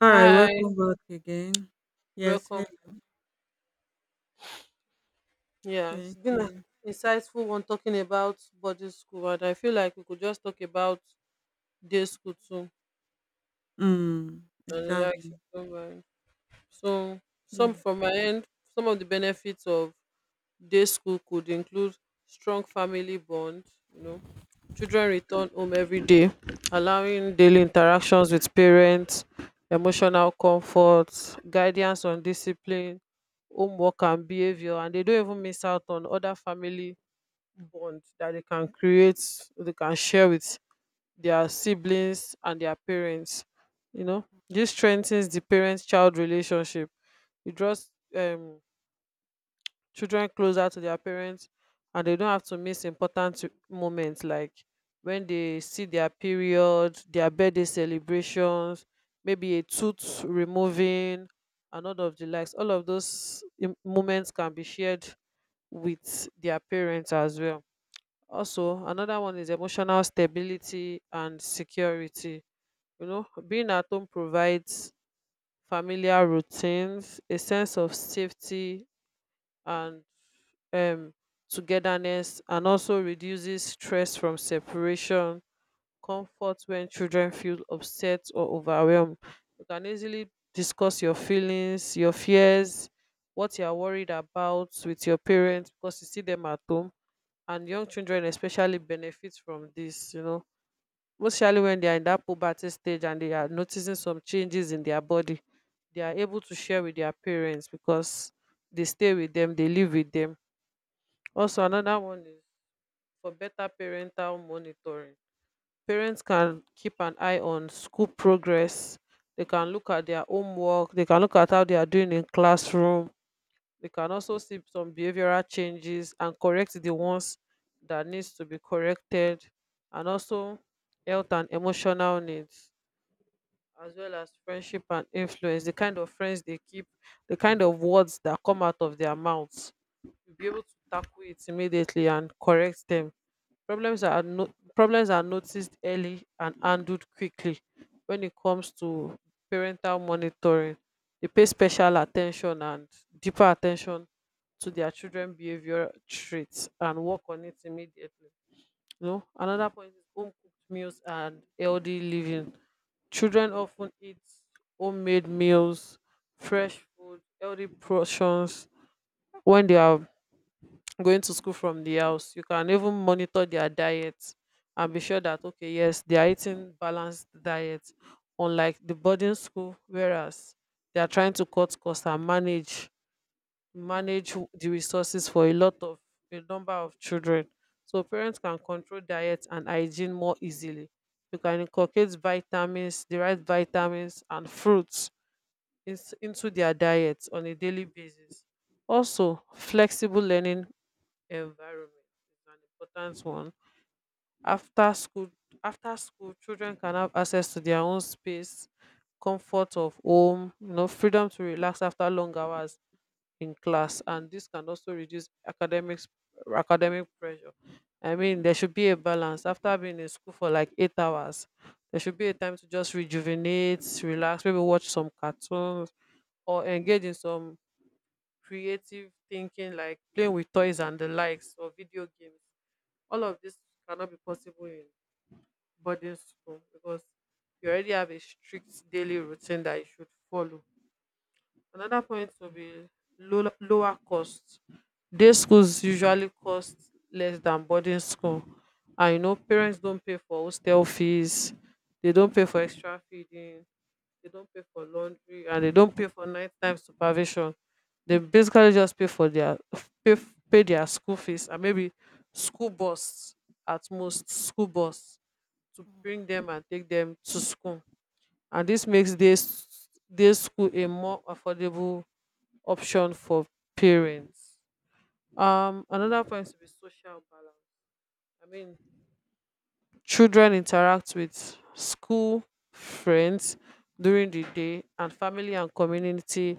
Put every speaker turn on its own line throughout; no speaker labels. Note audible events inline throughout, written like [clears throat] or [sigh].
All right,
Hi,
welcome back again. Yes,
welcome.
hello.
Yeah, it's
Thank
been an
you.
insightful one talking about boarding school, and I feel like we could just talk about day school too. And like, if
Exactly.
don't mind. So some
Yeah.
from my end, some of the benefits of day school could include strong family bond. You know, children return home every day, allowing daily interactions with parents, emotional comfort, guidance on discipline, homework and behavior, and they don't even miss out on other family bond that they can create, they can share with their siblings and their parents. You know, this strengthens the parent child relationship. It draws children closer to their parents, and they don't have to miss important moments like when they see their period, their birthday celebrations, maybe a tooth removing, and all of the likes. All of those moments can be shared with their parents as well. Also, another one is emotional stability and security. You know, being at home provides familiar routines, a sense of safety and um, togetherness, and also reduces stress from separation, comfort when children feel upset or overwhelmed. You can easily discuss your feelings, your fears, what you are worried about with your parents because you see them at home. And young children especially benefit from this, you know, mostly when they are in that puberty stage and they are noticing some changes in their body, they are able to share with their parents because they stay with them, they live with them. Also, another one is for better parental monitoring. Parents can keep an eye on school progress, they can look at their homework, they can look at how they are doing in classroom. We can also see some behavioral changes and correct the ones that needs to be corrected. And also health and emotional needs, as well as friendship and influence, the kind of friends they keep, the kind of words that come out of their mouths, you'll be able to tackle it immediately and correct them. Problems are no- Problems are noticed early and handled quickly. When it comes to parental monitoring, they pay special attention and deeper attention to their children behavior traits and work on it immediately. You know, another point is home cooked meals and healthy living. Children often eat homemade meals, fresh food, healthy portions. When they are going to school from the house, you can even monitor their diet and be sure that okay, yes, they are eating balanced diet, unlike the boarding school whereas they are trying to cut costs and manage
Hmm,
the resources for a lot of a number of children. So parents can control diet and hygiene more easily. You can inculcate vitamins, the right vitamins and fruits, into their diet on a daily basis. Also, flexible learning environment is an important one. After school, after school, children can have access to their own space, comfort of home, you know, freedom to relax after long hours in class, and this can also reduce academic pressure. I mean, there should be a balance. After being in school for like 8 hours, there should be a time to just rejuvenate, relax, maybe watch some cartoons or engage in some creative thinking like playing with toys and the likes, or video games. All of this cannot be possible in boarding school because you already have a strict daily routine that you should follow. Another point will be lower cost. Day schools usually cost less than boarding school. And you know, parents don't pay for hostel fees, they don't pay for extra feeding, they don't pay for laundry, and they don't pay for nighttime supervision. They basically just pay for their [laughs] pay their school fees, and maybe school bus, at most school bus, to
hmm.
bring them and take them to school. And this makes this day school a more affordable option for parents. Another point to be social balance. I mean, children interact with school friends during the day, and family and community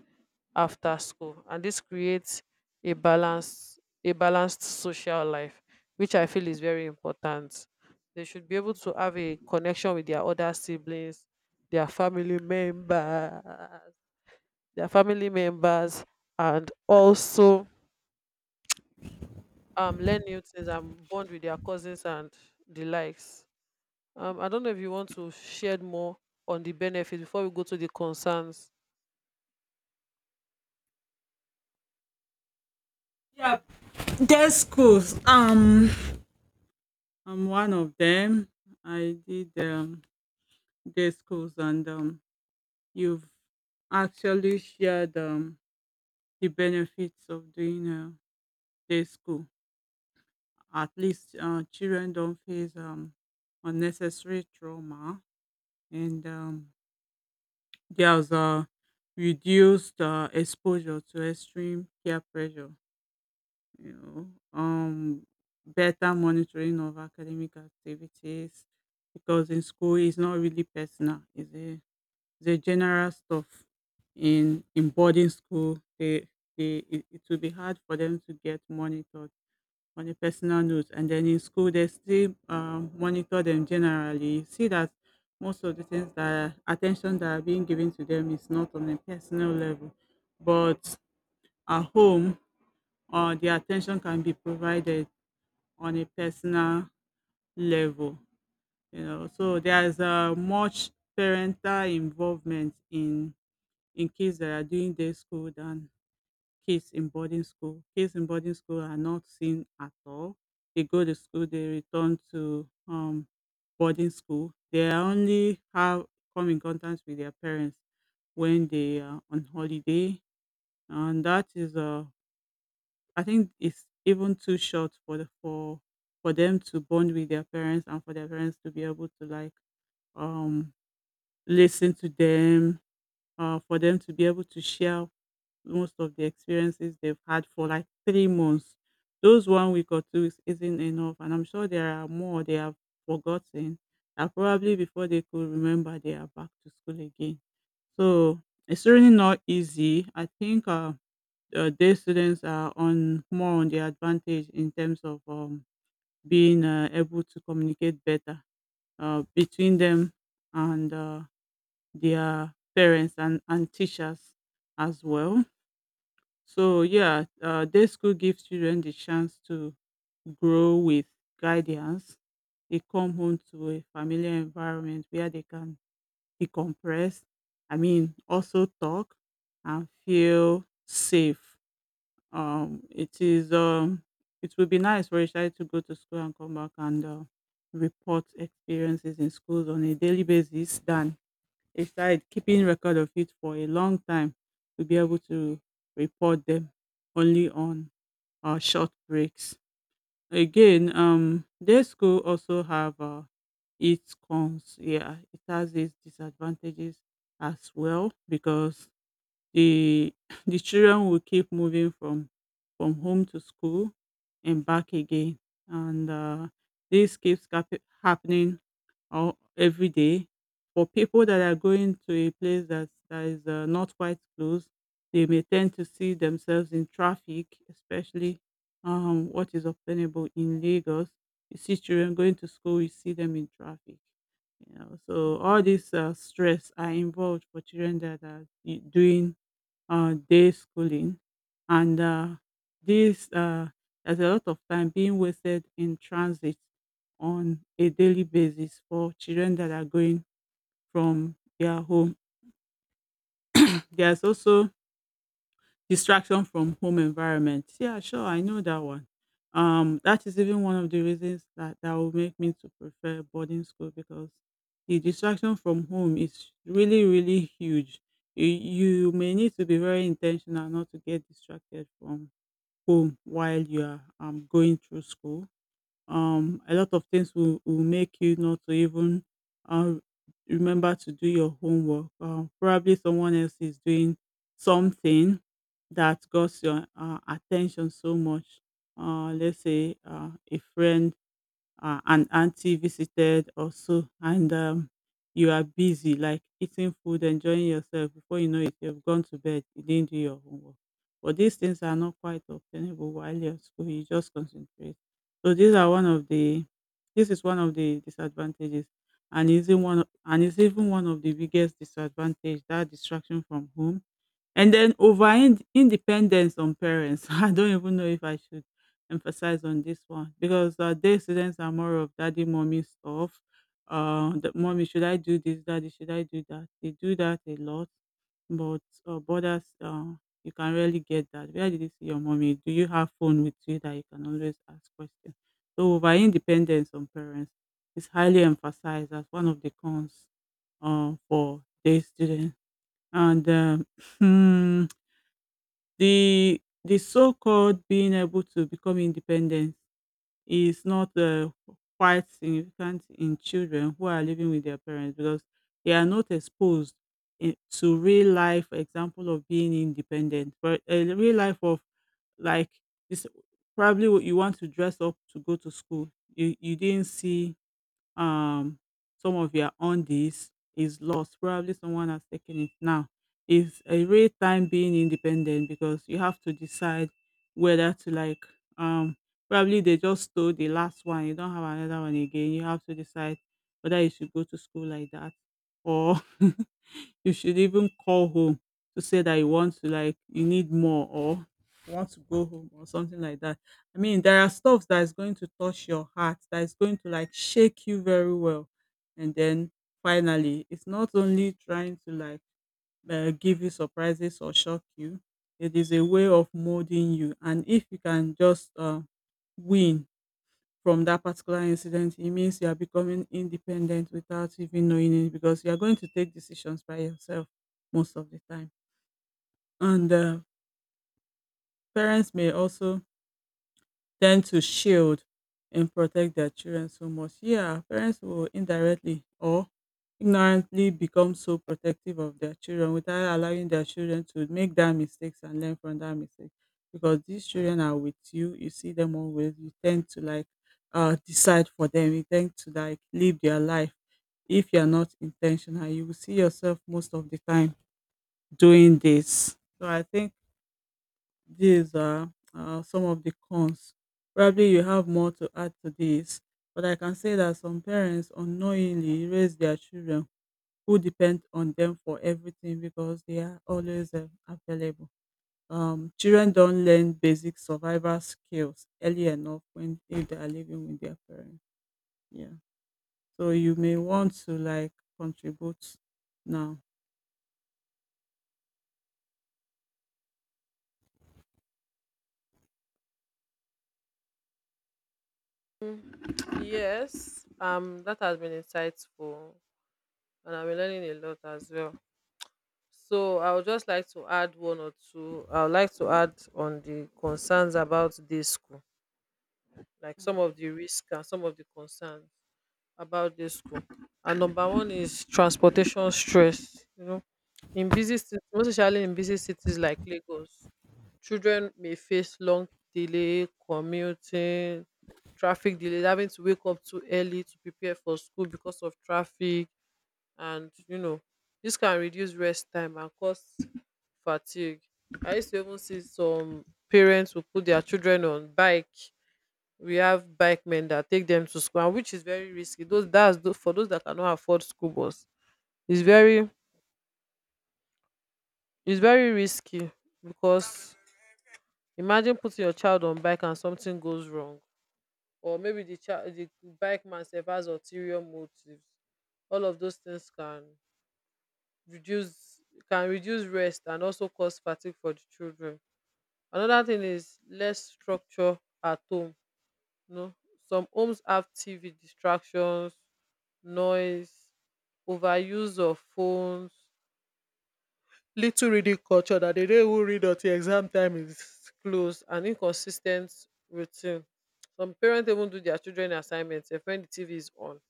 after school. And this creates a balance, a balanced social life, which I feel is very important. They should be able to have a connection with their other siblings, their family members, their family members, and also learn new things and bond with their cousins and the likes. I don't know if you want to shed more on the benefits before we go to the concerns.
Yeah, day schools. I'm one of them. I did day schools, and you've actually shared the benefits of doing day school. At least children don't face unnecessary trauma, and girls are reduced exposure to extreme peer pressure, you know, better monitoring of academic activities because in school it's not really personal, it's a general stuff. In boarding school, they, it will be hard for them to get monitored on a personal note. And then in school, they still monitor them generally. You see that most of the things that attention that are being given to them is not on a personal level, but at home, the attention can be provided on a personal level. You know, so there's a much parental involvement in kids that are doing day school than kids in boarding school. Kids in boarding school are not seen at all. They go to school, they return to boarding school. They are only have come in contact with their parents when they are on holiday, and that is I think it's even too short for for them to bond with their parents and for their parents to be able to like um listen to them for them to be able to share most of the experiences they've had for like 3 months. Those one week or 2 weeks isn't enough, and I'm sure there are more they have forgotten that probably before they could remember, they are back to school again. So it's really not easy. I think day students are on more on the advantage in terms of being able to communicate better between them and their parents and teachers as well. So yeah, day school gives children the chance to grow with guidance. They come home to a familiar environment where they can decompress. I mean, also talk and feel safe. It is it would be nice for a child to go to school and come back and report experiences in schools on a daily basis than a site keeping record of it for a long time to be able to report them only on our short breaks. Again, day school also have its cons. Yeah, it has its disadvantages as well because the [laughs] [clears throat] the children will keep moving from home to school and back again, and this keeps cap- happening or every day. For people that are going to a place that is not quite close, they may tend to see themselves in traffic, especially what is obtainable in Lagos. You see children going to school, you see them in traffic. You know, so all these stress are involved for children that are I- doing day schooling, and this there's a lot of time being wasted in transit on a daily basis for children that are going from their home. [clears throat] There's also distraction from home environment. Yeah, sure, I know that one. That is even one of the reasons that will make me to prefer boarding school because the distraction from home is really, really huge. You may need to be very intentional not to get distracted from home while you are going through school, a lot of things will make you not to even uh, remember to do your homework. Probably someone else is doing something that got your attention so much. Let's say a friend, an auntie visited also, and you are busy like eating food, enjoying yourself. Before you know it, you've gone to bed, you didn't do your homework. But these things are not quite obtainable while you're at school. You just concentrate. So these are one of the, this is one of the disadvantages, and is in one of- and is even one of the biggest disadvantage, that distraction from home. And then over ind- independence on parents. [laughs] I don't even know if I should emphasize on this one because day students are more of daddy mommy stuff. That mommy, should I do this? Daddy, should I do that? They do that a lot, but borders, you can rarely get that. Where did you see your mommy? Do you have phone with you that you can always ask questions? So over independence on parents is highly emphasized as one of the cons for their students. And um, [laughs] [clears throat] the so-called being able to become independent is not quite significant in children who are living with their parents because they are not exposed to real life example of being independent. But a real life of like this, probably what you want to dress up to go to school. You didn't see, um some of your undies is lost. Probably someone has taken it now. It's a real time being independent because you have to decide whether to like, um probably they just stole the last one. You don't have another one again. You have to decide whether you should go to school like that or [laughs] you should even call home to say that you want to like you need more or you want to go home or something like that. I mean, there are stuff that is going to touch your heart, that is going to like shake you very well. And then finally, it's not only trying to like give you surprises or shock you. It is a way of molding you. And if you can just win from that particular incident, it means you are becoming independent without even knowing it because you are going to take decisions by yourself most of the time. And parents may also tend to shield and protect their children so much. Yeah, parents will indirectly or ignorantly become so protective of their children without allowing their children to make that mistakes and learn from that mistake. Because these children are with you, you see them always, you tend to like decide for them, you tend to like live their life if you're not intentional. You will see yourself most of the time doing this. So I think these are some of the cons. Probably you have more to add to this, but I can say that some parents unknowingly raise their children who depend on them for everything because they are always available. Children don't learn basic survival skills early enough when if they are living with their parents. Yeah, so you may want to like contribute now.
Yes, that has been insightful, and I've been learning a lot as well. So I would just like to add one or two. I would like to add on the concerns about this school, like some of the risk and some of the concerns about this school. And number one is transportation stress. You know, in busy cities, most especially in busy cities like Lagos, children may face long delay, commuting, traffic delays, having to wake up too early to prepare for school because of traffic, and you know, this can reduce rest time and cause fatigue. I used to even see some parents who put their children on bike. We have bike men that take them to school, and which is very risky. Those for those that cannot afford school bus, it's very, it's very risky, because imagine putting your child on bike and something goes wrong, or maybe the bike man sef has ulterior motives. All of those things can reduce, can reduce rest and also cause fatigue for the children. Another thing is less structure at home. No, some homes have TV distractions, noise, overuse of phones, little reading culture, that they don't even read until exam time is close, and inconsistent routine. Some parents even do their children assignments, if when the TV is on,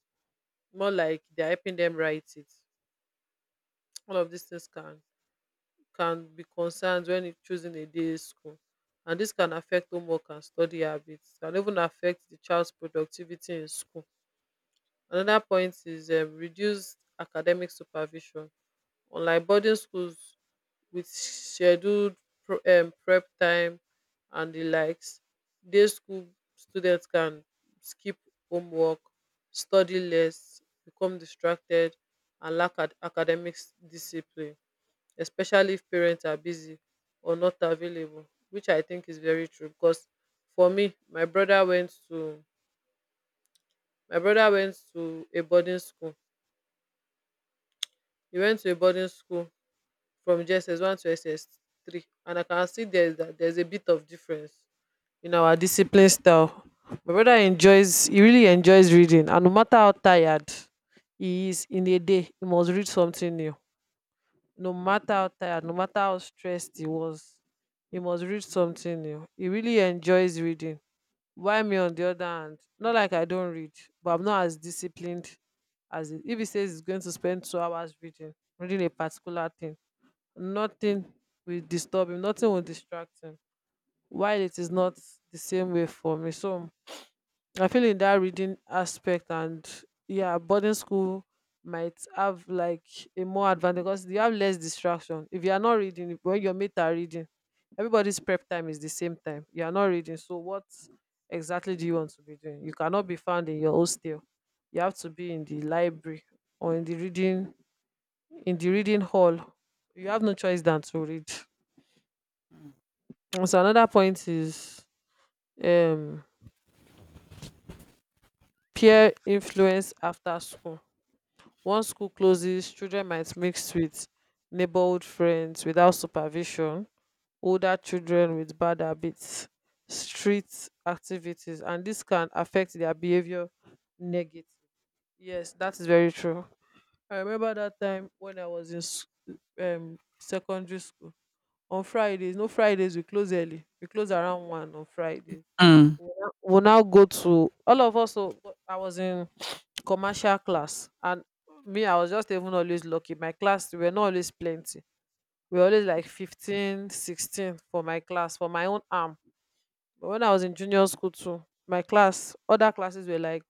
more like they're helping them write it. All of these things can be concerns when choosing a day school. And this can affect homework and study habits, can even affect the child's productivity in school. Another point is reduced academic supervision. Unlike boarding schools with scheduled prep time and the likes, day school students can skip homework, study less, become distracted, and lack academic discipline, especially if parents are busy or not available, which I think is very true. Because for me, my brother went to a boarding school. He went to a boarding school from JSS one to SS three, and I can see there's a bit of difference in our discipline style. My brother enjoys, he really enjoys reading, and no matter how tired he is in a day, he must read something new. No matter how tired, no matter how stressed he was, he must read something new. He really enjoys reading. Why me on the other hand? Not like I don't read, but I'm not as disciplined as it. If he says he's going to spend 2 hours reading, a particular thing, nothing will disturb him, nothing will distract him, while it is not the same way for me. So I feel in that reading aspect, and yeah, boarding school might have like a more advantage because you have less distraction. If you are not reading, when your mates are reading, everybody's prep time is the same time, you are not reading, so what exactly do you want to be doing? You cannot be found in your hostel, you have to be in the library, or in the reading, in the reading hall. You have no choice than to read. And so another point is um, peer influence after school. Once school closes, children might mix with neighborhood friends without supervision, older children with bad habits, street activities, and this can affect their behavior negative. Yes, that is very true. I remember that time when I was in secondary school. On Fridays, no Fridays, we close early. We close around 1 on Fridays,
Mm.
will now go to all of us. So but I was in commercial class, and me, I was just even always lucky. My class, we were not always plenty. We were always like 15, 16 for my class, for my own arm. But when I was in junior school too, my class, other classes were like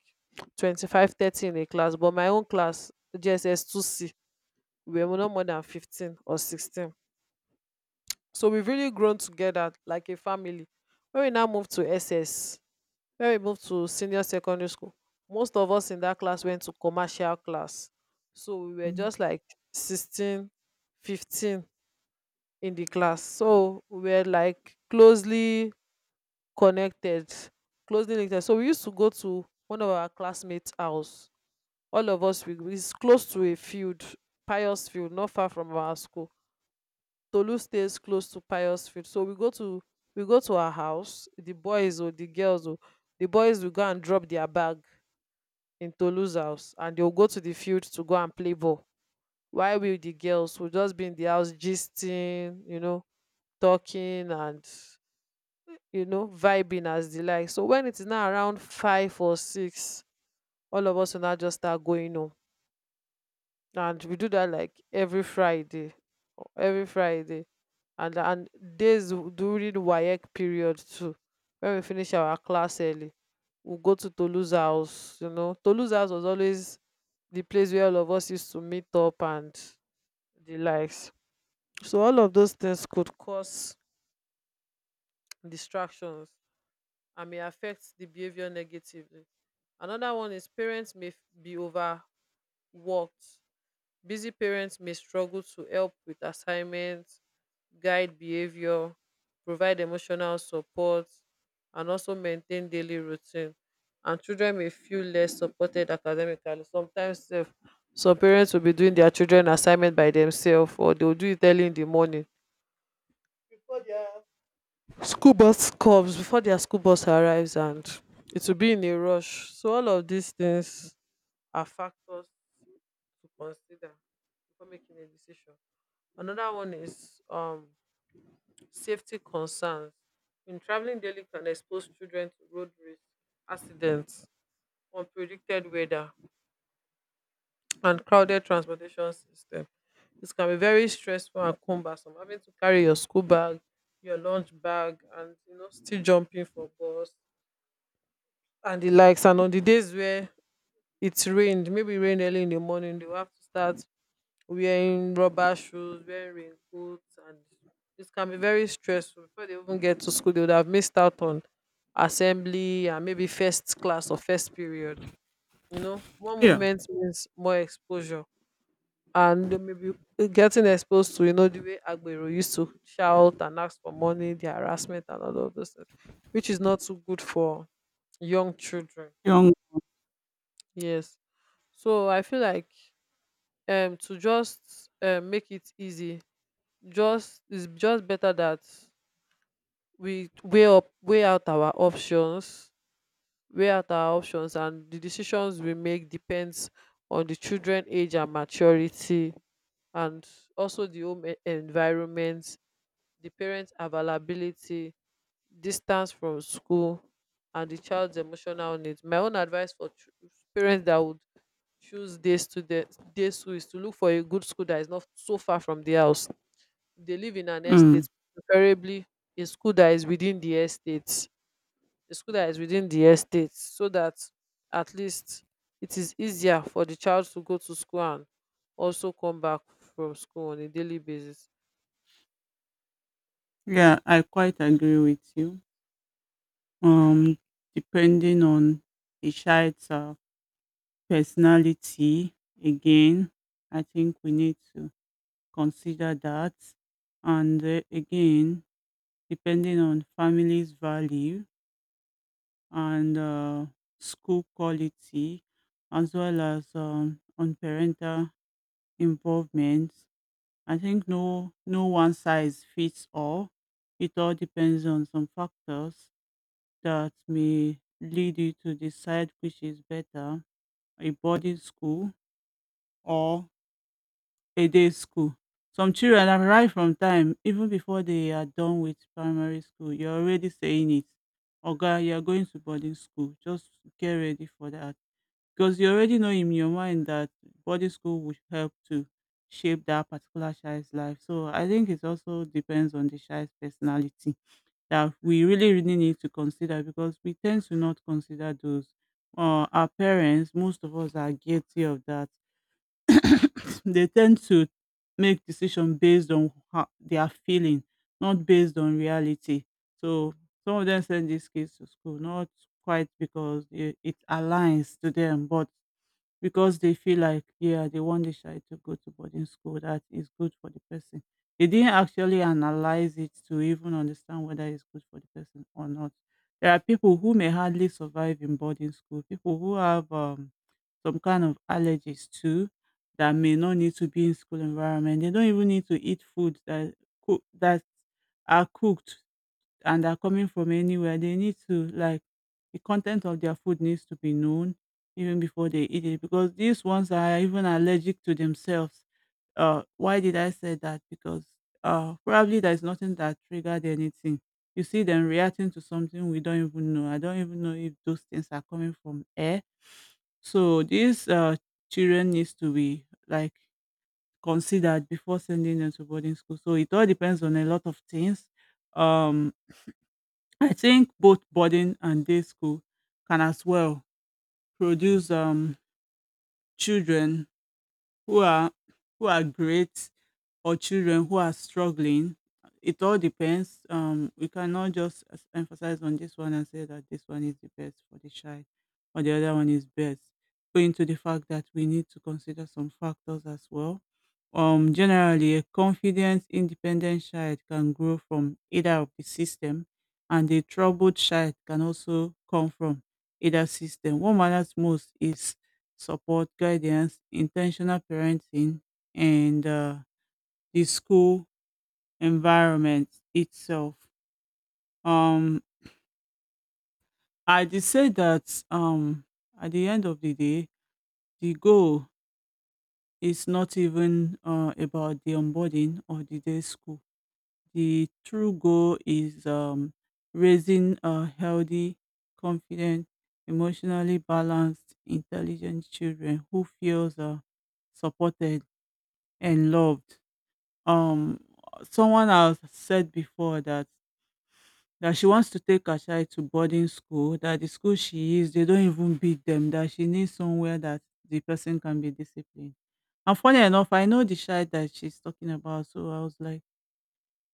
25, 30 in a class, but my own class, GSS2C, we were not more than 15 or 16. So we've really grown together like a family. When we now moved to SS, When we moved to senior secondary school, most of us in that class went to commercial class. So we were
Mm.
just like 16, 15 in the class. So we were like closely connected, closely linked. So we used to go to one of our classmates' house. All of us, it's close to a field, Pious Field, not far from our school. Tolu stays close to Pious Field. So we go to our house. The boys or the girls or the boys will go and drop their bag in Tolu's house and they'll go to the field to go and play ball. While we the girls will just be in the house gisting, you know, talking and vibing as they like. So when it is now around 5 or 6, all of us will now just start going home. And we do that like every Friday. Every Friday. And days during the WAEC period too. When we finish our class early, we'll go to Tolu's house, you know. Tolu's house was always the place where all of us used to meet up and the likes. So all of those things could cause distractions and may affect the behavior negatively. Another one is parents may be overworked. Busy parents may struggle to help with assignments, guide behavior, provide emotional support, and also maintain daily routine. And children may feel less supported academically. Sometimes sef, some parents will be doing their children assignment by themselves or they'll do it early in the morning. Before their Before their school bus arrives and it will be in a rush. So all of these things are factors to consider before making a decision. Another one is safety concerns. When traveling daily can expose children to road risk, accidents, unpredicted weather, and crowded transportation system. This can be very stressful and cumbersome. Having to carry your school bag, your lunch bag, and you know still jumping for bus and the likes. And on the days where it rained, maybe rain early in the morning, they will have to start wearing rubber shoes, wearing raincoats, and it can be very stressful. Before they even get to school, they would have missed out on assembly and maybe first class or first period. You know, one
Yeah,
moment means more exposure, and they may be getting exposed to you know the way Agbero used to shout and ask for money, the harassment, and all of those things, which is not so good for young children.
young.
Yes, so I feel like to just make it easy, just it's just better that we weigh up weigh out our options weigh out our options, and the decisions we make depends on the children age and maturity, and also the home environment, the parents availability, distance from school, and the child's emotional needs. My own advice for parents that would choose day school is to look for a good school that is not so far from the house. They live in an
Mm.
estate, preferably a school that is within the estate. A school that is within the estate, so that at least it is easier for the child to go to school and also come back from school on a daily basis.
Yeah, I quite agree with you. Um, depending on the child's, personality again, I think we need to consider that. And, again, depending on family's value and, school quality, as well as, on parental involvement. I think no one size fits all. It all depends on some factors that may lead you to decide which is better, a boarding school or a day school. Some children are right from time, even before they are done with primary school, you're already saying it. Oga, you're going to boarding school. Just get ready for that. Because you already know in your mind that boarding school would help to shape that particular child's life. So I think it also depends on the child's personality that we really, really need to consider because we tend to not consider those. Our parents, most of us are guilty of that. [coughs] They tend to make decision based on how they are feeling, not based on reality. So some of them send these kids to school, not quite because it aligns to them, but because they feel like, yeah, they want the child to go to boarding school. That is good for the person. They didn't actually analyze it to even understand whether it's good for the person or not. There are people who may hardly survive in boarding school, people who have some kind of allergies too that may not need to be in school environment. They don't even need to eat food that are cooked and are coming from anywhere, they need to like the content of their food needs to be known even before they eat it because these ones are even allergic to themselves. Why did I say that? Because probably there's nothing that triggered anything. You see them reacting to something we don't even know. I don't even know if those things are coming from air. So these children needs to be like considered before sending them to boarding school. So it all depends on a lot of things. Um, I think both boarding and day school can as well produce children who are who are great or children who are struggling. It all depends. We cannot just emphasize on this one and say that this one is the best for the child or the other one is best. Going to the fact that we need to consider some factors as well. Generally, a confident, independent child can grow from either of the system, and a troubled child can also come from either system. What matters most is support, guidance, intentional parenting, and the school environment itself. Um, I did say that at the end of the day, the goal is not even about the onboarding or the day school. The true goal is raising a healthy, confident, emotionally balanced, intelligent children who feels supported and loved. Um, Someone has said before that that she wants to take her child to boarding school, that the school she is, they don't even beat them, that she needs somewhere that the person can be disciplined. And funny enough, I know the child that she's talking about. So I was like,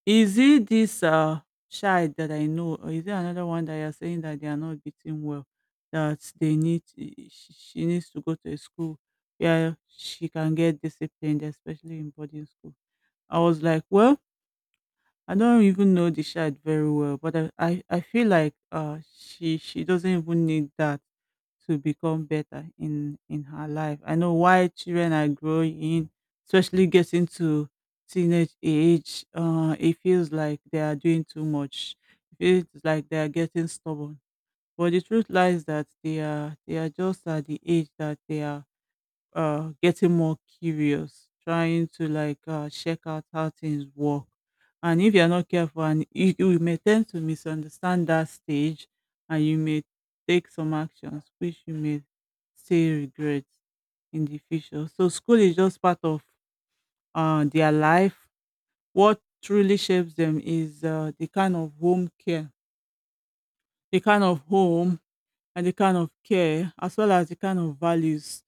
is it this child that I know, or is it another one that you're saying that they are not beating well, that they need, she needs to go to a school where she can get disciplined, especially in boarding school. I was like, well, I don't even know the child very well, but I feel like she doesn't even need that to become better in her life. I know why children are growing, especially getting to teenage age. It feels like they are doing too much. It feels like they are getting stubborn. But the truth lies that they are just at the age that they are getting more curious, trying to like check out how things work, and if you're not careful, and you may tend to misunderstand that stage, and you may take some actions which you may still regret in the future. So school is just part of their life. What truly shapes them is the kind of home care, the kind of home, and the kind of care, as well as the kind of values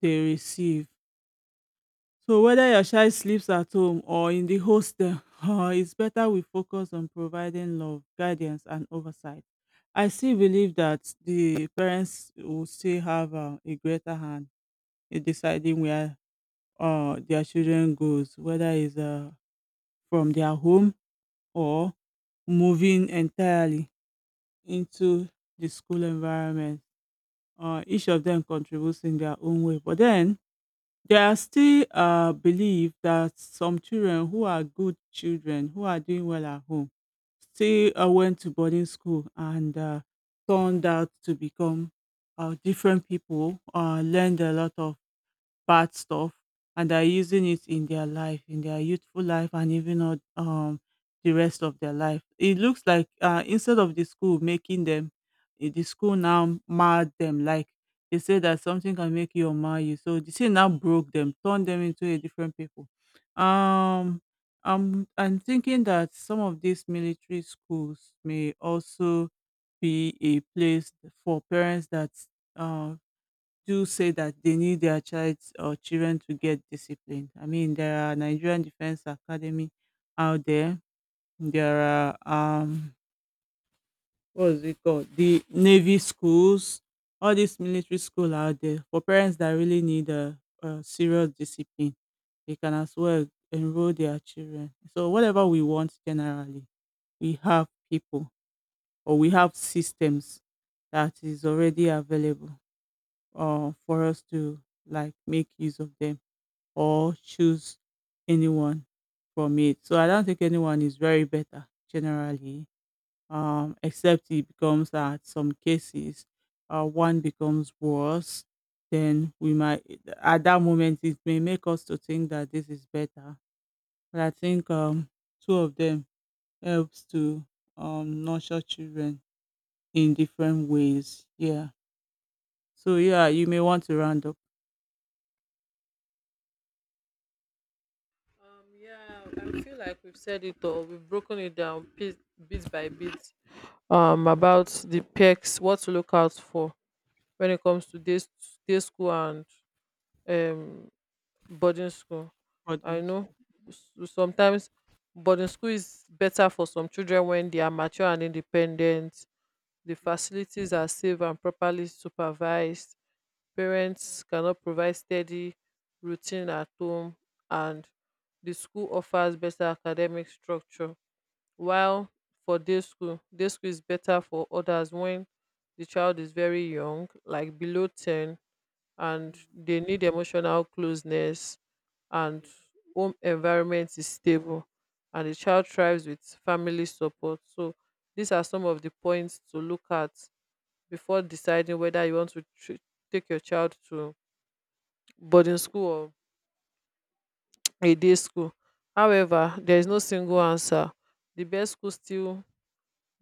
they receive. So whether your child sleeps at home or in the hostel, [laughs] it's better we focus on providing love, guidance, and oversight. I still believe that the parents will still have a greater hand in deciding where their children goes, whether it's from their home or moving entirely into the school environment. Each of them contributes in their own way, but then there are still believe that some children who are good children, who are doing well at home, still went to boarding school and turned out to become different people, learned a lot of bad stuff, and they're using it in their life, in their youthful life, and even on the rest of their life. It looks like instead of the school making them, the school now marred them, like they say that something can make you or mar you. So the thing now broke them, turned them into a different people. Um I'm, I'm thinking that some of these military schools may also be a place for parents that uh, do say that they need their child or children to get disciplined. I mean, there are Nigerian Defense Academy out there. There are what is it called? The Navy schools, all these military school out there for parents that really need a serious discipline. They can as well enroll their children. So whatever we want generally, we have people or we have systems that is already available for us to like make use of them or choose anyone from it. So I don't think anyone is very better generally, except it becomes that some cases one becomes worse. Then we might, at that moment, it may make us to think that this is better. But I think two of them helps to nurture children in different ways. Yeah. So yeah, you may want to round up
Yeah, I feel like we've said it all. We've broken it down bit by bit. About the perks, what to look out for when it comes to day school and um boarding school. I
audience.
know sometimes boarding school is better for some children when they are mature and independent. The
Mm,
facilities are safe and properly supervised. Parents cannot provide steady routine at home, and the school offers better academic structure. While for day school is better for others when the child is very young, like below 10 and
mm,
they need emotional closeness, and
yeah,
home environment is stable and the child thrives with family support. So these are some of the points to look at before deciding whether you want to take your child to boarding school or a day school. However, there is no single answer. The best school still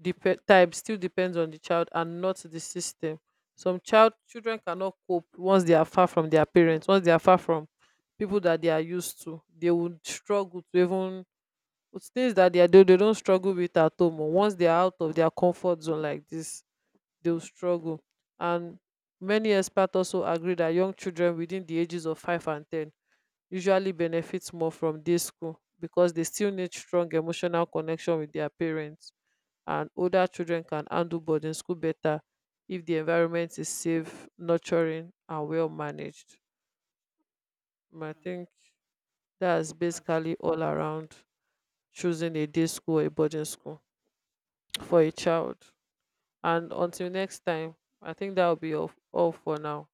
dep- type still depends on the child and not the system. Some children cannot cope once they are far from their parents, once they are far from people that they are used to. They would struggle to even with things that they are they don't struggle with at home. Or once they are out of their comfort zone like this, they will struggle. And many experts also agree that young children within the ages of 5 and 10 usually benefit more from day school because they still need strong emotional connection with their parents, and older children can handle boarding school better if the environment is safe, nurturing, and well managed. I think that's
that's
basically all around choosing a day school or a boarding school for a child. And until next time, I think that will be all for now.